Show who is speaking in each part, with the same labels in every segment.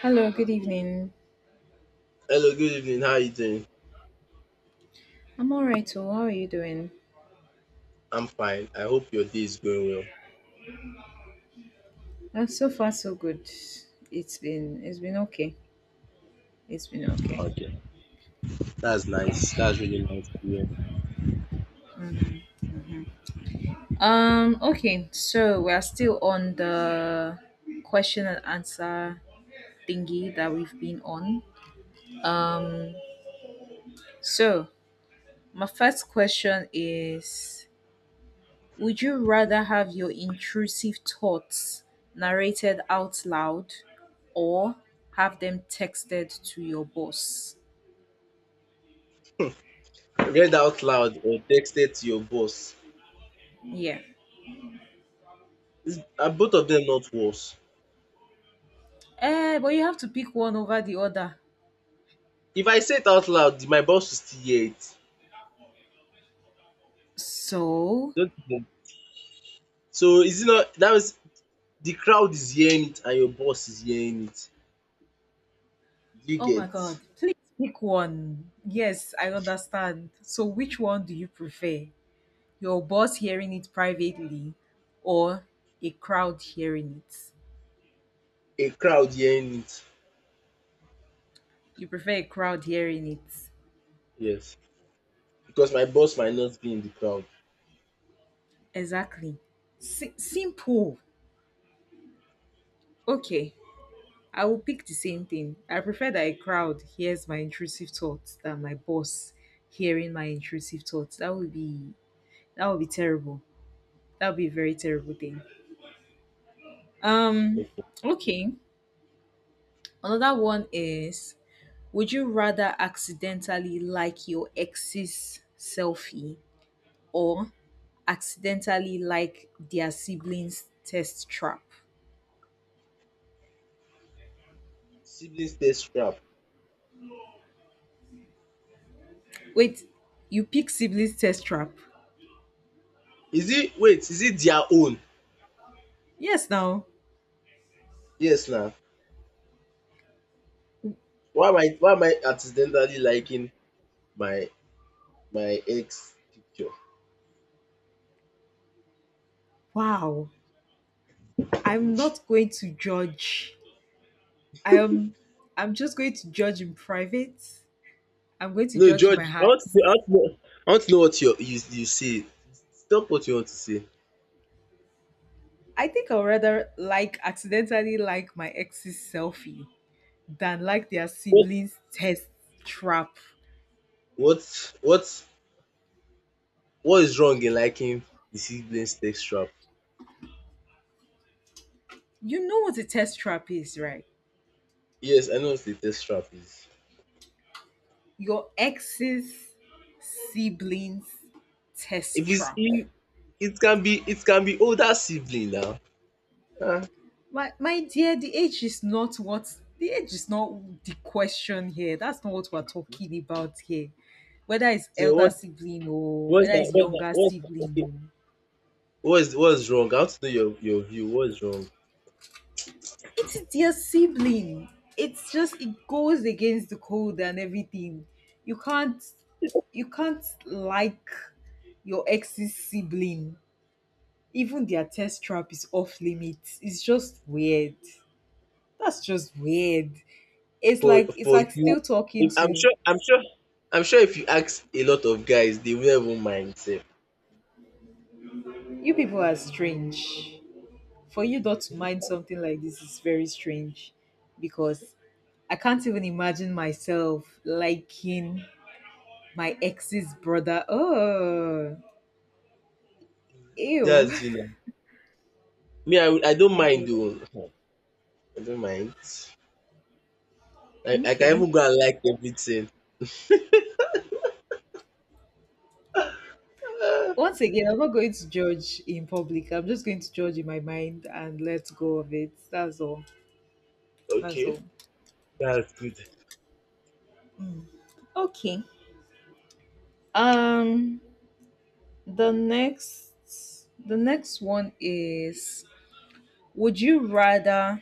Speaker 1: Hello, good evening.
Speaker 2: Hello, good evening. How are you doing?
Speaker 1: I'm all right. So, how are you doing?
Speaker 2: I'm fine. I hope your day is going well.
Speaker 1: So far, so good. It's been okay. It's been okay.
Speaker 2: Okay. That's
Speaker 1: Yeah.
Speaker 2: nice. That's really nice to
Speaker 1: Mm. Okay. So we are still on the question and answer thingy that we've been on. Um. So my first question is: Would you rather have your intrusive thoughts narrated out loud, or have them texted to your boss?
Speaker 2: hear. Read out loud or texted to your boss.
Speaker 1: Yeah.
Speaker 2: Are both of them not worse?
Speaker 1: Eh, but you have to pick one over the other.
Speaker 2: If I say it out loud, my boss will still hear it.
Speaker 1: So,
Speaker 2: Don't you know? So is it not that means the crowd is hearing it and your boss is hearing it. Do you
Speaker 1: oh my
Speaker 2: get
Speaker 1: God, please pick one. Yes, I understand. So, which one do you prefer? Your boss hearing it privately or a crowd hearing it?
Speaker 2: a crowd hearing it?
Speaker 1: You prefer a crowd hearing it.
Speaker 2: Yes. Because my boss might not be in the crowd.
Speaker 1: Exactly. Simple. Okay, I will pick the same thing. I prefer that a crowd hears my intrusive thoughts than my boss hearing my intrusive thoughts. That would be terrible. That would be a very terrible thing. Um,
Speaker 2: Okay.
Speaker 1: okay. Another one is: would you rather accidentally like your ex's selfie or accidentally like their siblings' test trap?
Speaker 2: Siblings test scrap.
Speaker 1: Wait, you pick siblings' test trap?
Speaker 2: Is it, wait, is it their own?
Speaker 1: Yes, now.
Speaker 2: Yes now. Why am I accidentally liking my my ex picture?
Speaker 1: Wow. I'm not going to judge. I am. I'm just going to judge in private. I'm going to
Speaker 2: No,
Speaker 1: judge in
Speaker 2: George,
Speaker 1: my heart.
Speaker 2: I want to know what you say. Stop what you want to say.
Speaker 1: I think I'd rather like accidentally like my ex's selfie than like their
Speaker 2: What
Speaker 1: siblings' test trap.
Speaker 2: what what what is wrong in liking the siblings text trap?
Speaker 1: You know what a test trap is, right?
Speaker 2: Yes, I know what the text trap is.
Speaker 1: Your ex's siblings' test
Speaker 2: If it's
Speaker 1: trap.
Speaker 2: if it can be older sibling now. Ah,
Speaker 1: My dear, the age is not the question here. That's not what we're talking about here. Whether it's
Speaker 2: so
Speaker 1: elder
Speaker 2: what
Speaker 1: sibling or whether it's younger
Speaker 2: what's that,
Speaker 1: sibling
Speaker 2: okay.
Speaker 1: or
Speaker 2: What's wrong? I want to know your view. What's wrong?
Speaker 1: it's their sibling. It's just it goes against the code and everything. You can't you can't like your ex's sibling. Even their test trap is off limits. It's just weird. That's just weird. It's
Speaker 2: for
Speaker 1: like it's
Speaker 2: for
Speaker 1: like
Speaker 2: you,
Speaker 1: still talking
Speaker 2: if I'm
Speaker 1: to
Speaker 2: sure I'm sure I'm sure, if you ask a lot of guys they will even mind sef.
Speaker 1: you. People are strange. For you not to mind something like this is very strange because I can't even imagine myself liking my ex's brother. Oh, ew.
Speaker 2: Just, me, I don't mind oo.
Speaker 1: Ew.
Speaker 2: I don't mind. I can
Speaker 1: Okay.
Speaker 2: even go and like everything. Ah,
Speaker 1: Once again, I'm not going to judge in public. I'm just going to judge in my mind and let go of it. That's all. That's
Speaker 2: okay,
Speaker 1: all.
Speaker 2: that's good.
Speaker 1: Okay. Um the next one is: would you rather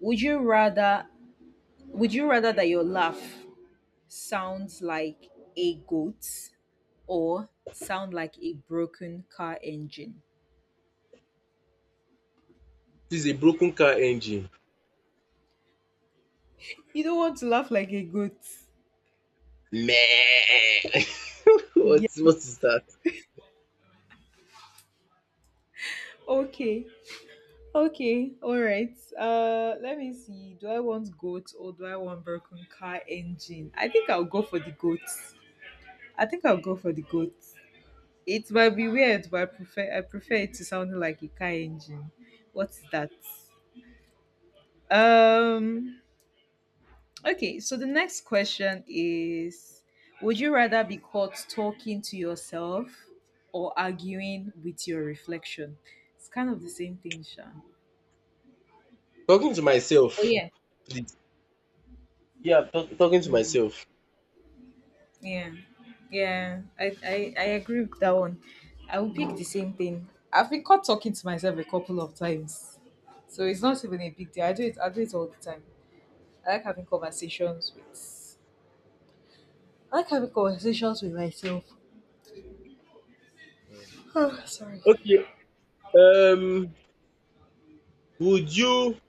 Speaker 1: would you rather would you rather that your laugh sounds like a goat or sound like a broken car engine?
Speaker 2: This is a broken car engine.
Speaker 1: You don't want to laugh like a goat.
Speaker 2: Meh. what
Speaker 1: Yeah.
Speaker 2: what is that?
Speaker 1: Okay. Okay, all right. Let me see. Do I want goats or do I want broken car engine? I think I'll go for the goats. I think I'll go for the goats. It might be weird, but I prefer it to sound like a car engine. What's that? Um. Okay. So the next question is: would you rather be caught talking to yourself or arguing with your reflection? It's kind of the same thing, Sean.
Speaker 2: Talking to
Speaker 1: Oh
Speaker 2: myself,
Speaker 1: yeah.
Speaker 2: please. Yeah, talking to myself.
Speaker 1: Yeah, yeah, I agree with that one. I will pick the same thing. I've been caught talking to myself a couple of times, so it's not even a big deal. I do it. I do it all the time. I like having conversations with. I like having conversations with myself. Sorry.
Speaker 2: Okay. um would you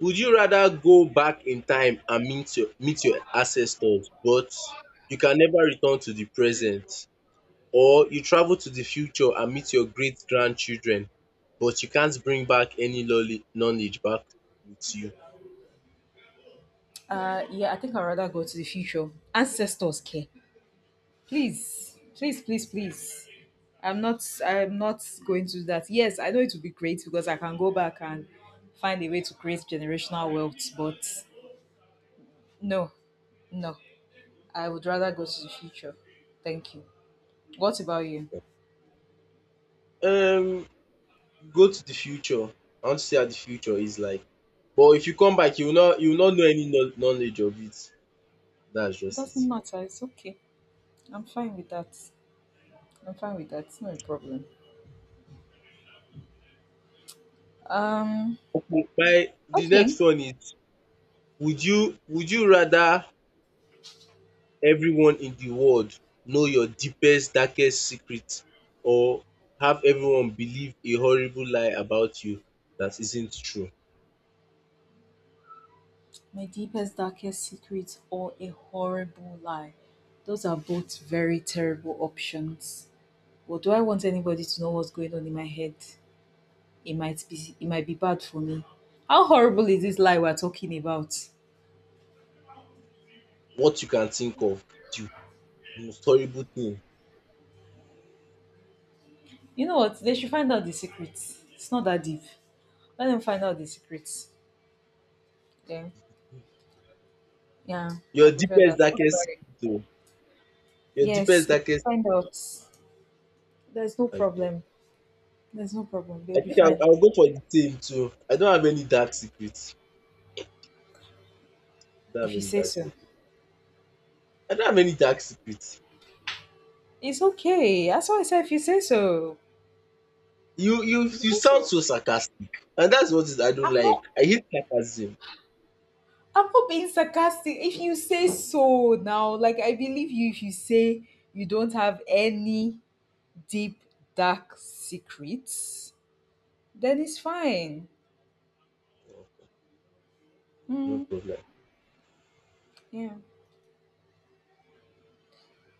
Speaker 2: Would you rather go back in time and meet your ancestors, but you can never return to the present, or you travel to the future and meet your great-grandchildren but you can't bring back any knowledge back with you?
Speaker 1: Yeah, I think I'd rather go to the future. Ancestors care, please, please, please, please. I'm not. I'm not going to do that. Yes, I know it will be great because I can go back and find a way to create generational wealth, but no, no. I would rather go to the future. Thank you. What about you?
Speaker 2: Um, Go to the future. I want to see how the future is like. But if you come back, you will not know any knowledge of it. That's just
Speaker 1: Doesn't
Speaker 2: it.
Speaker 1: matter. It's okay. I'm fine with that. I'm fine with that. It's not a problem. Um.
Speaker 2: Okay. My The
Speaker 1: Okay.
Speaker 2: next one is: would you rather everyone in the world know your deepest darkest secret, or have everyone believe a horrible lie about you that isn't true?
Speaker 1: My deepest, darkest secret or a horrible lie. Those are both very terrible options. But do I want anybody to know what's going on in my head? It might be. It might be bad for me. How horrible is this lie we're talking about?
Speaker 2: What you can think of, the most horrible thing.
Speaker 1: You know what? They should find out the secret. It's not that deep. Let them find out the secrets. Then, yeah, I
Speaker 2: Your
Speaker 1: prefer
Speaker 2: deepest
Speaker 1: that. What about
Speaker 2: darkest
Speaker 1: it?
Speaker 2: secret o. Your
Speaker 1: Yes,
Speaker 2: deepest
Speaker 1: they
Speaker 2: darkest.
Speaker 1: find out. There's no
Speaker 2: Okay.
Speaker 1: problem. There's no problem. They'll
Speaker 2: I
Speaker 1: be
Speaker 2: think I will
Speaker 1: fine
Speaker 2: I will go for the same too. I don't have any dark secrets. I don't
Speaker 1: if
Speaker 2: have
Speaker 1: you
Speaker 2: any
Speaker 1: say
Speaker 2: dark
Speaker 1: so.
Speaker 2: secrets. I don't have any dark secret.
Speaker 1: It's okay. That's why I said if you say so.
Speaker 2: You you
Speaker 1: If you
Speaker 2: you
Speaker 1: say
Speaker 2: sound
Speaker 1: so.
Speaker 2: so sarcastic and that's what is I don't
Speaker 1: I'm not.
Speaker 2: like. I hate sarcasm.
Speaker 1: I'm not being sarcastic. If you say so now, like I believe you, if you say you don't have any deep dark secrets, then it's fine.
Speaker 2: No
Speaker 1: Mm,
Speaker 2: problem.
Speaker 1: yeah.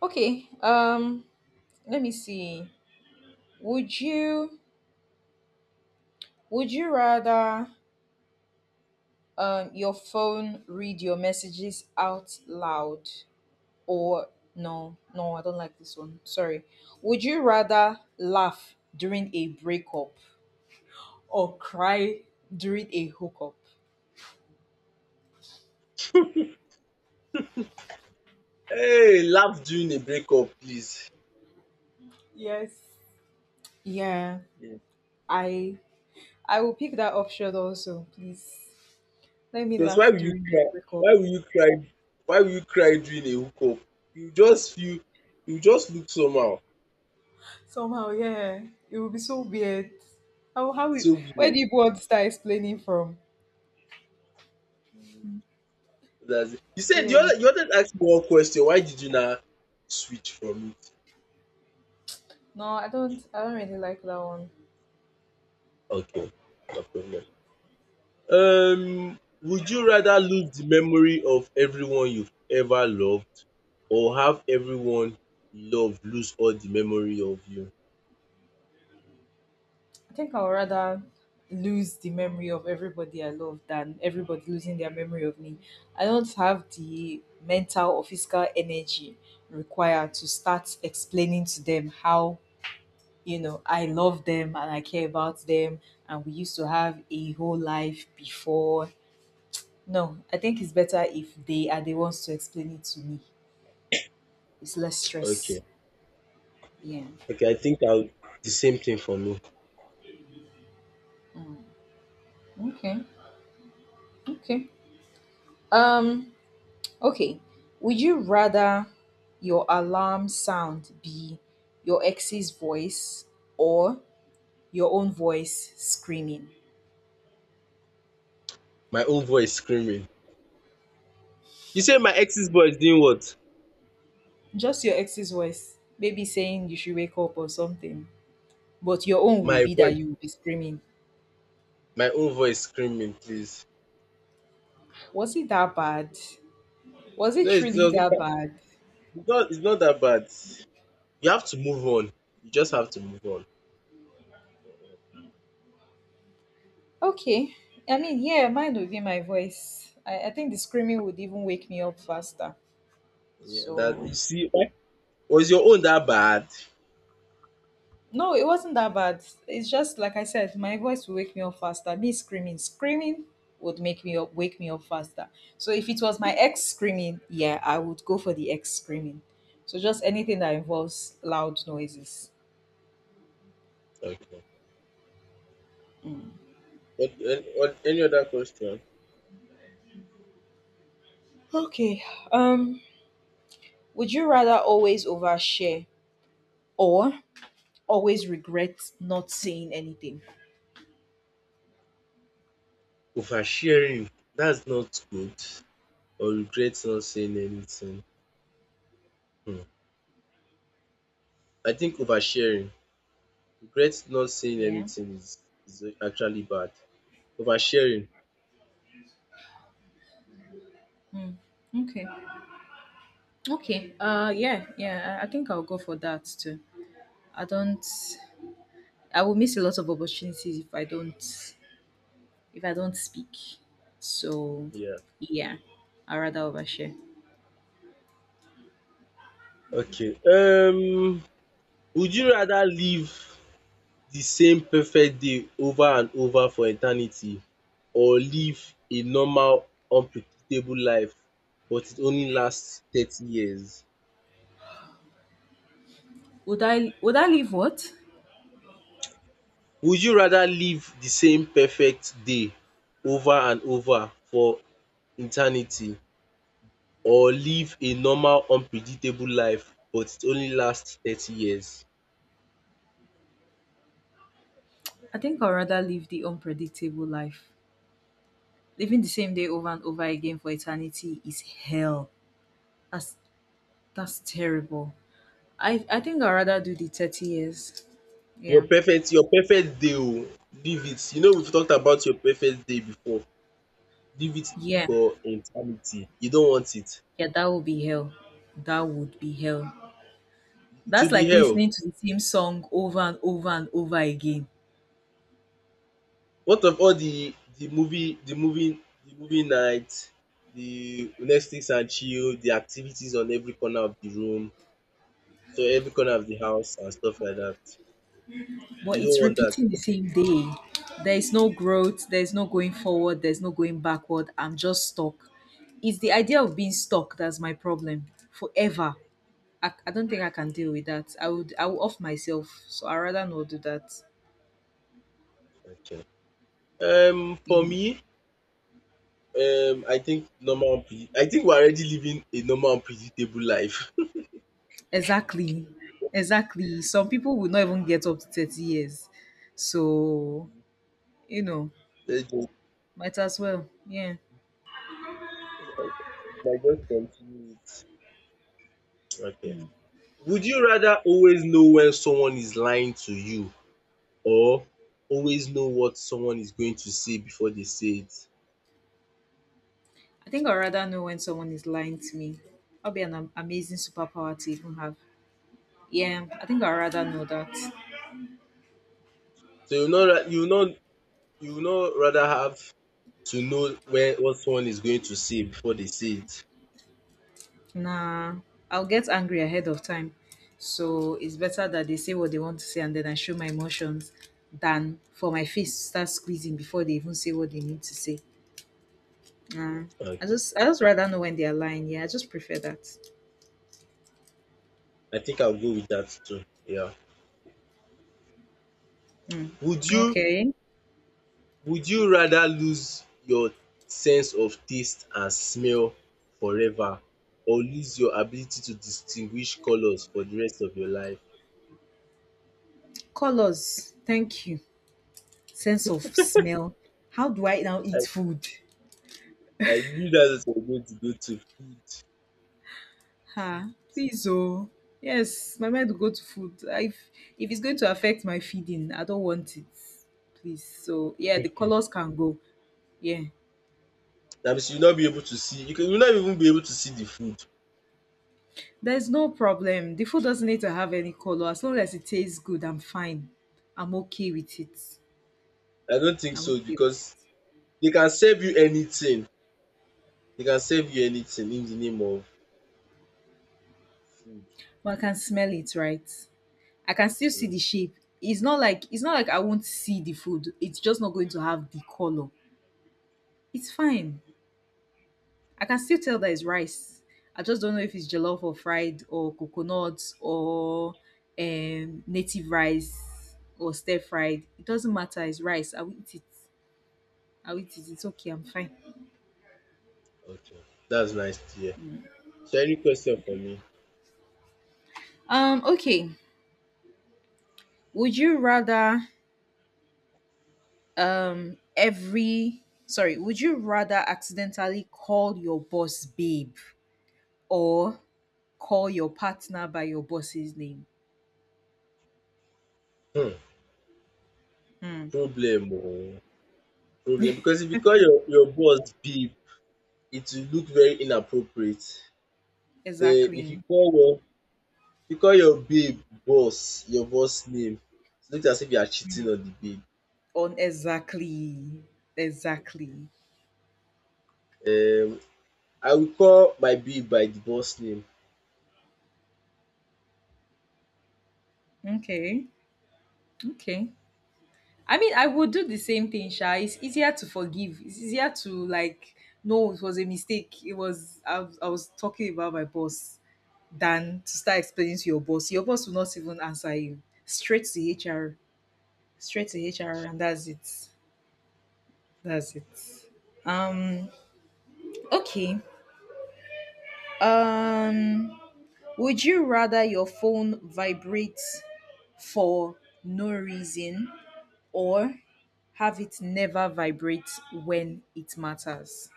Speaker 1: Okay. Let me see. Would you would you rather your phone read your messages out loud or no I don't like this one. Sorry, would you rather laugh during a breakup or cry during a hookup?
Speaker 2: Hey, laugh during a breakup, please.
Speaker 1: Yes. Yeah,
Speaker 2: Yeah.
Speaker 1: I I will pick that option also, please. Let me
Speaker 2: Because
Speaker 1: laugh
Speaker 2: why will you
Speaker 1: during the
Speaker 2: cry
Speaker 1: breakup.
Speaker 2: why will you cry why will you cry during a hookup? You just feel you just look somehow.
Speaker 1: Somehow, yeah. It will be so weird. how how
Speaker 2: It's
Speaker 1: we,
Speaker 2: so
Speaker 1: where
Speaker 2: weird.
Speaker 1: do you want to start explaining from?
Speaker 2: Mm, that's it. You
Speaker 1: so
Speaker 2: said you
Speaker 1: yeah
Speaker 2: wanted you wanted to ask me one question. Why did you now switch from it?
Speaker 1: No, I don't. I don't really like that one.
Speaker 2: Okay, no problem. Would you rather lose the memory of everyone you've ever loved, or have everyone you love lose all the memory of you?
Speaker 1: I think I would rather lose the memory of everybody I love than everybody losing their memory of me. I don't have the mental or physical energy required to start explaining to them how you know I love them and I care about them, and we used to have a whole life before. No, I think it's better if they are the ones to explain it to me. It's less stress.
Speaker 2: Okay.
Speaker 1: Yeah.
Speaker 2: Okay, I think I'll the same thing for me.
Speaker 1: Mm. Okay. Okay. Um. Okay, would you rather your alarm sound be your ex's voice or your own voice screaming?
Speaker 2: My own voice screaming. You say my ex's voice doing what?
Speaker 1: Just your ex's voice, maybe saying you should wake up or something, but your own would
Speaker 2: My
Speaker 1: be that
Speaker 2: voice,
Speaker 1: you will be screaming.
Speaker 2: my own voice screaming, please.
Speaker 1: Was it that bad? Was it
Speaker 2: No, it's
Speaker 1: truly
Speaker 2: just
Speaker 1: that
Speaker 2: not,
Speaker 1: bad?
Speaker 2: it's not that bad. You have to move on. You just have to move on.
Speaker 1: Okay, I mean, yeah, mine would be my voice. I think the screaming would even wake me up faster.
Speaker 2: Yeah, that
Speaker 1: So,
Speaker 2: you see. Was your own that bad?
Speaker 1: no, it wasn't that bad. It's just like I said, my voice will wake me up faster. Me screaming, screaming would make me up, wake me up faster. So if it was my ex screaming, yeah, I would go for the ex screaming. So just anything that involves loud noises.
Speaker 2: Okay. What, any other question?
Speaker 1: Okay. Um, would you rather always overshare or always regret not saying anything?
Speaker 2: Oversharing. That's not good. Or regret not saying anything. Hmm. I think oversharing, regret not saying
Speaker 1: Yeah.
Speaker 2: anything is actually bad. Oversharing,
Speaker 1: Okay. Okay. Yeah, yeah. I think I'll go for that too. I don't I will miss a lot of opportunities if I don't speak. So
Speaker 2: yeah,
Speaker 1: yeah, I'd rather overshare.
Speaker 2: okay. Would you rather live the same perfect day over and over for eternity, or live a normal unpredictable life but it only lasts 30 years?
Speaker 1: Would I live? What?
Speaker 2: Would you rather live the same perfect day over and over for eternity, or live a normal unpredictable life but it only lasts 30 years?
Speaker 1: I think I'd rather live the unpredictable life. Living the same day over and over again for eternity is hell. That's that's terrible. I think I'd rather do the 30 years.
Speaker 2: Your
Speaker 1: Yeah.
Speaker 2: perfect your perfect day oo, leave it. You know we've talked about your perfect day before. Leave it
Speaker 1: Yeah.
Speaker 2: for eternity. You don't want it.
Speaker 1: Yeah, that would be hell. That would be hell.
Speaker 2: It
Speaker 1: That's
Speaker 2: will be
Speaker 1: like
Speaker 2: hell.
Speaker 1: listening to the same song over and over and over again.
Speaker 2: What of all the movie night, the Netflix and chill, the activities on every corner of the room, so every corner of the house and stuff like that.
Speaker 1: But
Speaker 2: You don't
Speaker 1: it's
Speaker 2: want that.
Speaker 1: repeating the same day. There is no growth, there's no going forward, there's no going backward. I'm just stuck. It's the idea of being stuck that's my problem forever. I don't think I can deal with that. I would off myself, so I rather not do that.
Speaker 2: Okay. For
Speaker 1: Mm.
Speaker 2: me, I think normal. I think we're already living a normal and predictable life.
Speaker 1: Exactly, exactly. Some people will not even get up to 30 years, so you know,
Speaker 2: Let's just
Speaker 1: might as well. Yeah,
Speaker 2: I just continue it. Okay. Would you rather always know when someone is lying to you, or always know what someone is going to say before they say it?
Speaker 1: I think I'd rather know when someone is lying to me. That'll be an amazing superpower to even have. Yeah, I think I'd rather know that.
Speaker 2: So, rather have to know when what someone is going to say before they say it.
Speaker 1: Nah, I'll get angry ahead of time. So it's better that they say what they want to say and then I show my emotions than for my face to start squeezing before they even say what they need to say. Nah,
Speaker 2: Okay.
Speaker 1: I just rather know when they are lying. Yeah, I just prefer that.
Speaker 2: I think I'll go with that too. Yeah.
Speaker 1: Mm.
Speaker 2: Would you
Speaker 1: Okay.
Speaker 2: Would you rather lose your sense of taste and smell forever, or lose your ability to distinguish colors for the rest of your life?
Speaker 1: Colors. Thank you. Sense of smell. How do I now eat
Speaker 2: I
Speaker 1: food?
Speaker 2: I knew that what you going to go to. Food.
Speaker 1: Ah,
Speaker 2: Food.
Speaker 1: please oh. Yes, my mind will go to food. If it's going to affect my feeding, I don't want it. Please. So yeah, the
Speaker 2: Okay.
Speaker 1: colors can go. Yeah.
Speaker 2: That means you'll not be able to see. You can, you'll not even be able to see the food.
Speaker 1: There's no problem. The food doesn't need to have any color. As long as it tastes good, I'm fine. I'm okay with it.
Speaker 2: I don't think
Speaker 1: I'm
Speaker 2: so
Speaker 1: okay with it.
Speaker 2: because they can serve you anything. They can serve you anything in the name of food.
Speaker 1: But I can smell it, right? I can still see the
Speaker 2: Mm,
Speaker 1: shape. It's not like I won't see the food. It's just not going to have the color. It's fine. I can still tell that it's rice. I just don't know if it's jollof or fried or coconut or native rice or stir fried. It doesn't matter. It's rice. I'll eat it. I'll eat it. It's okay. I'm fine.
Speaker 2: okay, that's nice to hear. So, any question for me?
Speaker 1: Okay. Would you rather Would you rather accidentally call your boss babe or call your partner by your boss's name?
Speaker 2: Hmm,
Speaker 1: Hmm.
Speaker 2: problem. Oh. Problem, because if you call your boss babe, it will look very inappropriate. Then if you
Speaker 1: Exactly.
Speaker 2: call your if you call your babe boss, your boss name, it looks as if you are cheating on the
Speaker 1: On exactly. Exactly.
Speaker 2: babe. I will call my babe by the boss name.
Speaker 1: Okay. Okay. I mean, I would do the same thing, Sha. It's easier to forgive. It's easier to like no, it was a mistake. It was I was talking about my boss than to start explaining to your boss. Your boss will not even answer you. Straight to HR. Straight to HR and that's it. That's it. Okay. Um would you rather your phone vibrate for no reason or have it never vibrate when it matters?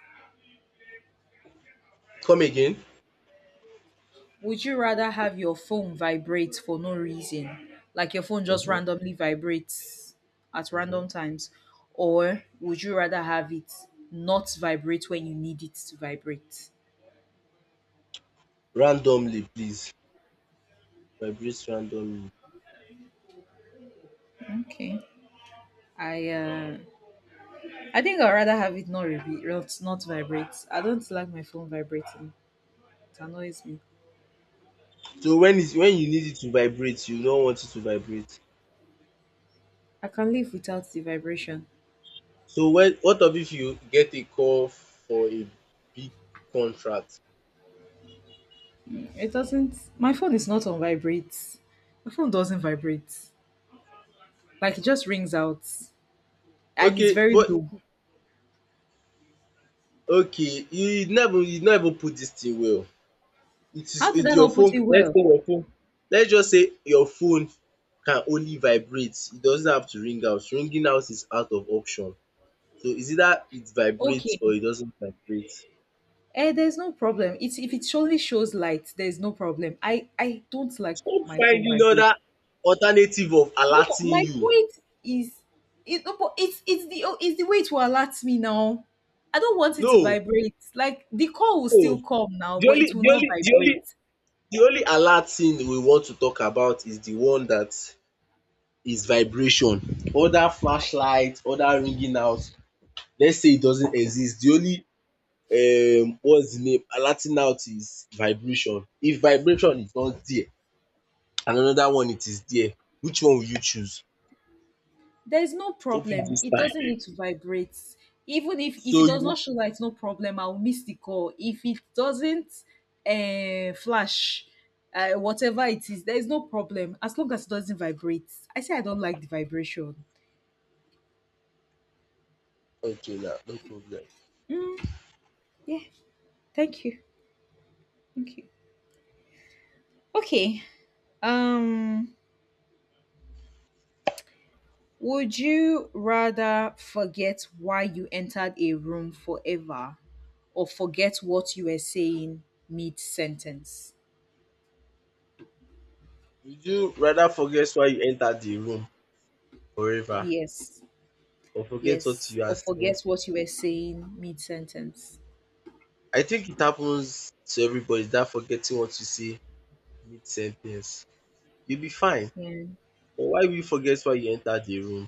Speaker 2: Come again.
Speaker 1: Would you rather have your phone vibrate for no reason, like your phone just
Speaker 2: um
Speaker 1: randomly vibrates at random
Speaker 2: um
Speaker 1: times, or would you rather have it not vibrate when you need it to vibrate?
Speaker 2: Randomly please. Vibrate randomly.
Speaker 1: Okay. I uh, I think I'd rather have it not re- not not vibrate. I don't like my phone vibrating. It annoys me.
Speaker 2: So, when you need it to vibrate, you don't want it to vibrate?
Speaker 1: I can live without the vibration.
Speaker 2: So, when what of if you get a call for a big contract?
Speaker 1: It doesn't. My phone is not on vibrate. My phone doesn't vibrate. Like it just rings out, and it's
Speaker 2: Okay,
Speaker 1: very
Speaker 2: but
Speaker 1: low.
Speaker 2: okay, you never put this thing well. It is
Speaker 1: How did
Speaker 2: it
Speaker 1: I
Speaker 2: your
Speaker 1: not put it
Speaker 2: phone let's
Speaker 1: well?
Speaker 2: say your phone Let's just say your phone can only vibrate, it doesn't have to ring out. Ringing out is out of option. So, it's either it vibrates or
Speaker 1: Okay.
Speaker 2: it doesn't vibrate.
Speaker 1: Eh, there's no problem. It's if it surely shows light, there's no problem. I don't like
Speaker 2: Stop
Speaker 1: my phone
Speaker 2: finding
Speaker 1: vibrate.
Speaker 2: other alternative of
Speaker 1: No,
Speaker 2: alerting
Speaker 1: my
Speaker 2: you.
Speaker 1: point is, it, no, but it's the oh, it's the way to alert me now. I don't want it to
Speaker 2: No,
Speaker 1: vibrate. Like the call will
Speaker 2: no.
Speaker 1: still come now,
Speaker 2: The
Speaker 1: but it
Speaker 2: only
Speaker 1: will
Speaker 2: the
Speaker 1: not
Speaker 2: only the only
Speaker 1: vibrate.
Speaker 2: the only alert thing we want to talk about is the one that is vibration. Other flashlight, other ringing out, let's say it doesn't exist. The only, what's the name, alerting out is vibration. If vibration is not there and another one it is there, which one will you choose?
Speaker 1: There's no
Speaker 2: Hope you
Speaker 1: problem,
Speaker 2: this
Speaker 1: it
Speaker 2: time.
Speaker 1: doesn't need to vibrate even if it
Speaker 2: So
Speaker 1: does
Speaker 2: you.
Speaker 1: not show light. No problem, I'll miss the call if it doesn't flash, whatever it is. There's no problem as long as it doesn't vibrate. I say I don't like the vibration.
Speaker 2: Okay, now no problem.
Speaker 1: Mm, yeah, thank you, thank you. Okay. um would you rather forget why you entered a room forever or forget what you were saying mid sentence?
Speaker 2: Would you rather forget why you entered the room forever,
Speaker 1: Yes.
Speaker 2: or forget what
Speaker 1: Yes,
Speaker 2: you
Speaker 1: or
Speaker 2: are
Speaker 1: forget
Speaker 2: saying?
Speaker 1: what you were saying mid sentence.
Speaker 2: I think it happens to everybody that forgetting what you say mid sen ten ce, you'll be fine.
Speaker 1: Yeah.
Speaker 2: But why will you forget why you entered the room?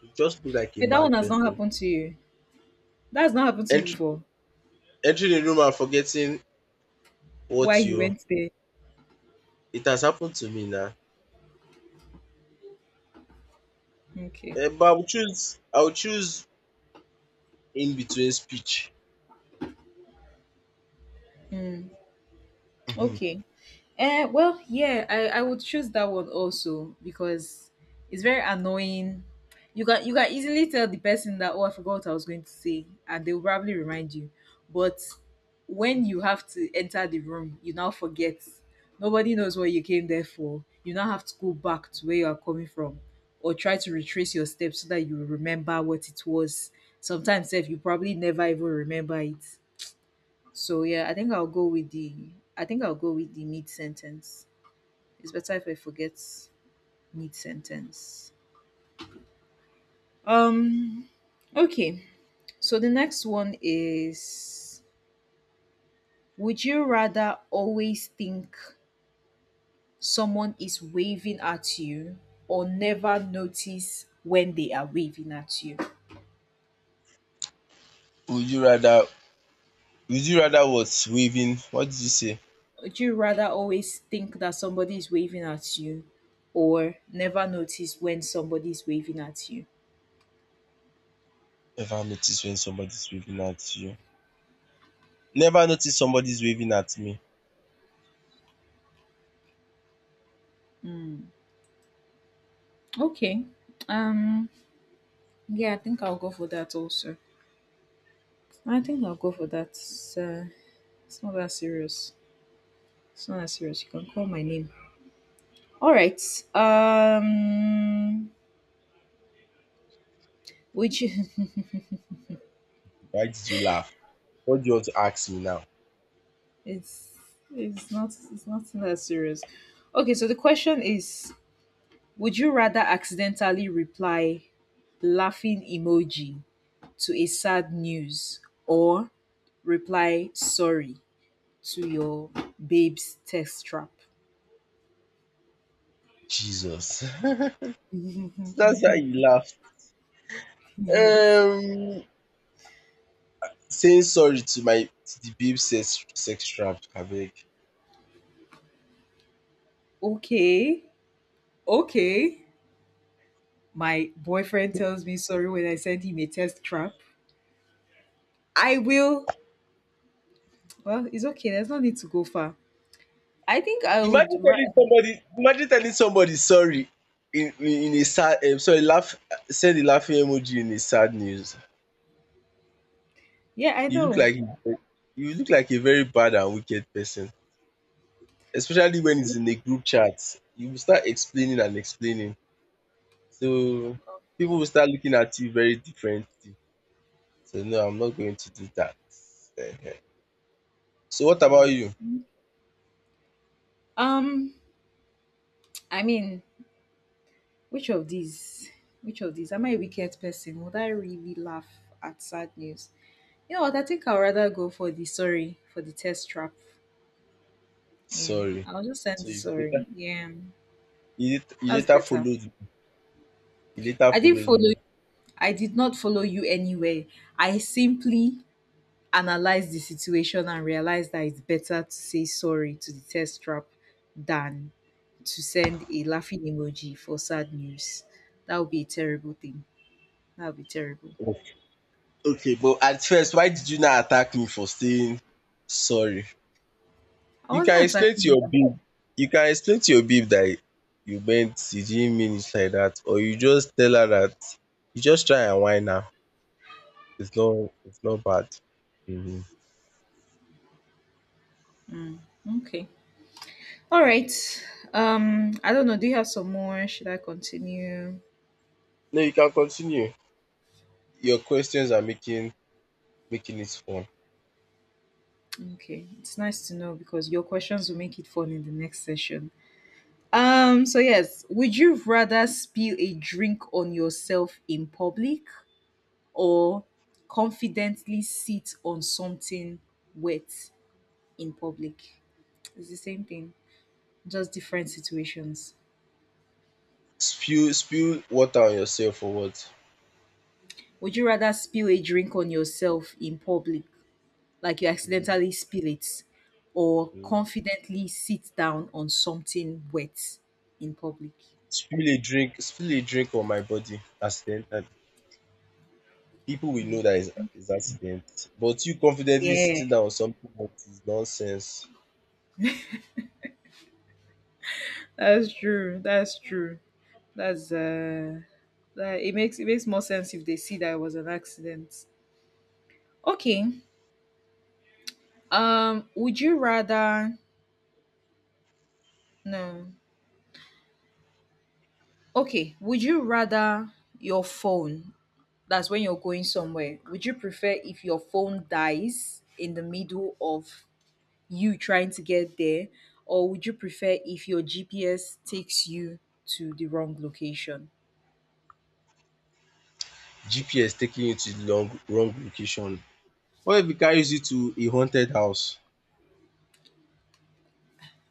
Speaker 2: You just look like a
Speaker 1: But that
Speaker 2: mad
Speaker 1: one has not
Speaker 2: person.
Speaker 1: happened to you. That has not happened to you
Speaker 2: Entry
Speaker 1: before.
Speaker 2: Entering a room and forgetting
Speaker 1: Why
Speaker 2: what
Speaker 1: you
Speaker 2: you.
Speaker 1: went there.
Speaker 2: It has happened to me now.
Speaker 1: Okay.
Speaker 2: Eh, but I would choose in between speech.
Speaker 1: Mm.
Speaker 2: Mhm.
Speaker 1: Okay. Eh, well, yeah, I would choose that one also because it's very annoying. You can easily tell the person that, oh, I forgot what I was going to say and they will probably remind you. But when you have to enter the room, you now forget. Nobody knows what you came there for. You now have to go back to where you are coming from or try to retrace your steps so that you remember what it was. Sometimes if you probably never even remember it. So yeah, I think I'll go with the mid sentence. It's better if I forget mid sentence. Um, okay. So the next one is, would you rather always think someone is waving at you or never notice when they are waving at you?
Speaker 2: would you rather would you rather, what, waving, what did you say?
Speaker 1: Would you rather always think that somebody is waving at you or never notice when somebody is waving at you?
Speaker 2: Never notice when somebody's waving at you. Never notice somebody's waving at me.
Speaker 1: Mm, okay. Um, yeah, I think I'll go for that also. I think I'll go for that. um it's not that serious. It's not that serious, you can call my name. All right. um which
Speaker 2: Why did you laugh? What do you want to ask me now?
Speaker 1: it's it's not that serious. Okay, so the question is, would you rather accidentally reply laughing emoji to a sad news or reply sorry to your babe's text trap?
Speaker 2: Jesus. So, that's why you laugh.
Speaker 1: Yes.
Speaker 2: Um Saying sorry to the babe sex trap, abeg.
Speaker 1: Okay. Okay. My boyfriend tells me sorry when I send him a test trap. I will. Well, it's okay. There's no need to go far. I think I would.
Speaker 2: Imagine
Speaker 1: Ra-
Speaker 2: telling somebody, imagine telling somebody sorry in a sad, sorry, laugh, send a laughing emoji in a sad news.
Speaker 1: yeah, I
Speaker 2: You look
Speaker 1: know.
Speaker 2: like you look like a very bad and wicked person, especially when it's in a group chat. You will start explaining and explaining, so people will start looking at you very differently. So no, I'm not going to do that. Ehen. So what about
Speaker 1: Hmm.
Speaker 2: you?
Speaker 1: Um, I mean, which of these? Which of these? Am I a wicked person? Would I really laugh at sad news? You know what? I think I'd rather go for the sorry for the test trap. Yeah,
Speaker 2: Sorry.
Speaker 1: I'll just send
Speaker 2: So
Speaker 1: the sorry. Yeah,
Speaker 2: you later you
Speaker 1: that's
Speaker 2: later
Speaker 1: better.
Speaker 2: followed, you later
Speaker 1: I didn't
Speaker 2: followed
Speaker 1: follow.
Speaker 2: me.
Speaker 1: I did not follow you anywhere. I simply analyze the situation and realize that it's better to say sorry to the test trap than to send a laughing emoji for sad news. That would be a terrible thing. That would be terrible.
Speaker 2: Okay. Okay, but at first, why did you not attack me for saying sorry?
Speaker 1: I
Speaker 2: You
Speaker 1: wasn't
Speaker 2: can explain to
Speaker 1: attacking
Speaker 2: your
Speaker 1: you.
Speaker 2: babe. You can explain to your babe that you didn't mean it like that, or you just tell her that you just try and whine her. It's not. It's not bad. Mhm.
Speaker 1: Okay. All right. I don't know. Do you have some more? Should I continue?
Speaker 2: No, you can continue. Your questions are making it fun.
Speaker 1: Okay. It's nice to know because your questions will make it fun in the next session. So yes, would you rather spill a drink on yourself in public or confidently sit on something wet in public? It's the same thing, just different situations.
Speaker 2: Spill water on yourself or what?
Speaker 1: Would you rather spill a drink on yourself in public, like you
Speaker 2: Mhm.
Speaker 1: accidentally spill it, or
Speaker 2: Mhm.
Speaker 1: confidently sit down on something wet in public?
Speaker 2: Spill a drink. Spill a drink on my body accidentally. People will know that it's accident. But you confidently
Speaker 1: Yeah,
Speaker 2: sitting down on something that is nonsense.
Speaker 1: that's true. That's true. That's uh that it makes more sense if they see that it was an accident. Okay. Would you rather No. Okay. Would you rather your phone, that's when you're going somewhere, would you prefer if your phone dies in the middle of you trying to get there, or would you prefer if your GPS takes you to the wrong location?
Speaker 2: GPS taking you to the wrong location. What if it carries you to a haunted house?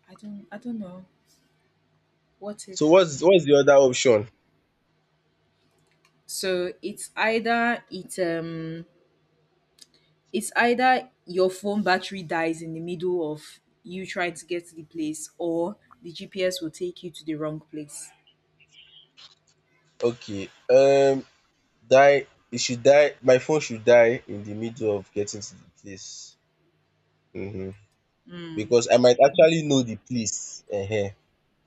Speaker 1: I don't know. What if?
Speaker 2: So what's the other option?
Speaker 1: So it's either it's either your phone battery dies in the middle of you trying to get to the place or the GPS will take you to the wrong place.
Speaker 2: Okay, die. It should die. My phone should die in the middle of getting to the place. Mm-hmm.
Speaker 1: Hmm.
Speaker 2: Because I might actually know the place. Uh-huh.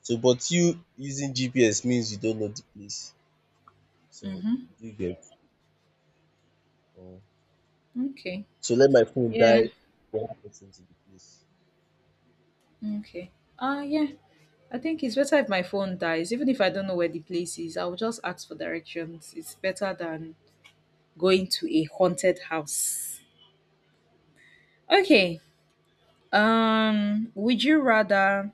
Speaker 2: So, but you using GPS means you don't know the place. So
Speaker 1: Mm-hmm.
Speaker 2: you get.
Speaker 1: Okay.
Speaker 2: So let my phone
Speaker 1: Yeah.
Speaker 2: die when I the place.
Speaker 1: Okay. Ah, yeah. I think it's better if my phone dies. Even if I don't know where the place is, I'll just ask for directions. It's better than going to a haunted house. Okay. Um, would you rather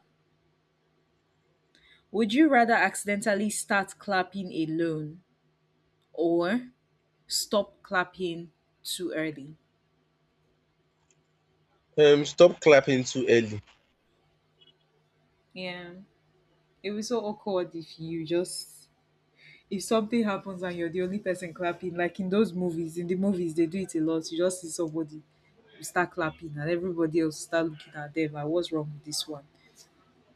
Speaker 1: would you rather accidentally start clapping alone or stop clapping too early?
Speaker 2: Stop clapping too early.
Speaker 1: Yeah. It was so awkward if you just if something happens and you're the only person clapping, like in those movies, in the movies they do it a lot. You just see somebody, you start clapping, and everybody else start looking at them. Like, what's wrong with this one?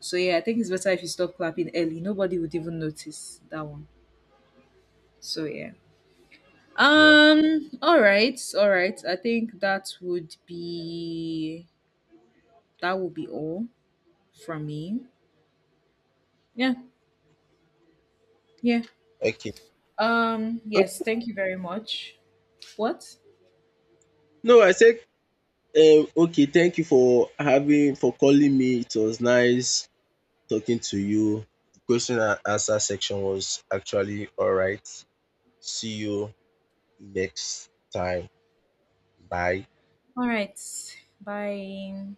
Speaker 1: So yeah, I think it's better if you stop clapping early. Nobody would even notice that one. So yeah.
Speaker 2: Yeah.
Speaker 1: All right. All right. I think that would be all from me. Yeah. Yeah.
Speaker 2: Okay.
Speaker 1: Yes.
Speaker 2: O-
Speaker 1: Thank you very much. What?
Speaker 2: No, I said, okay, thank you for having for calling me. It was nice talking to you. The question and answer section was actually alright. See you next time. Bye.
Speaker 1: All right. Bye.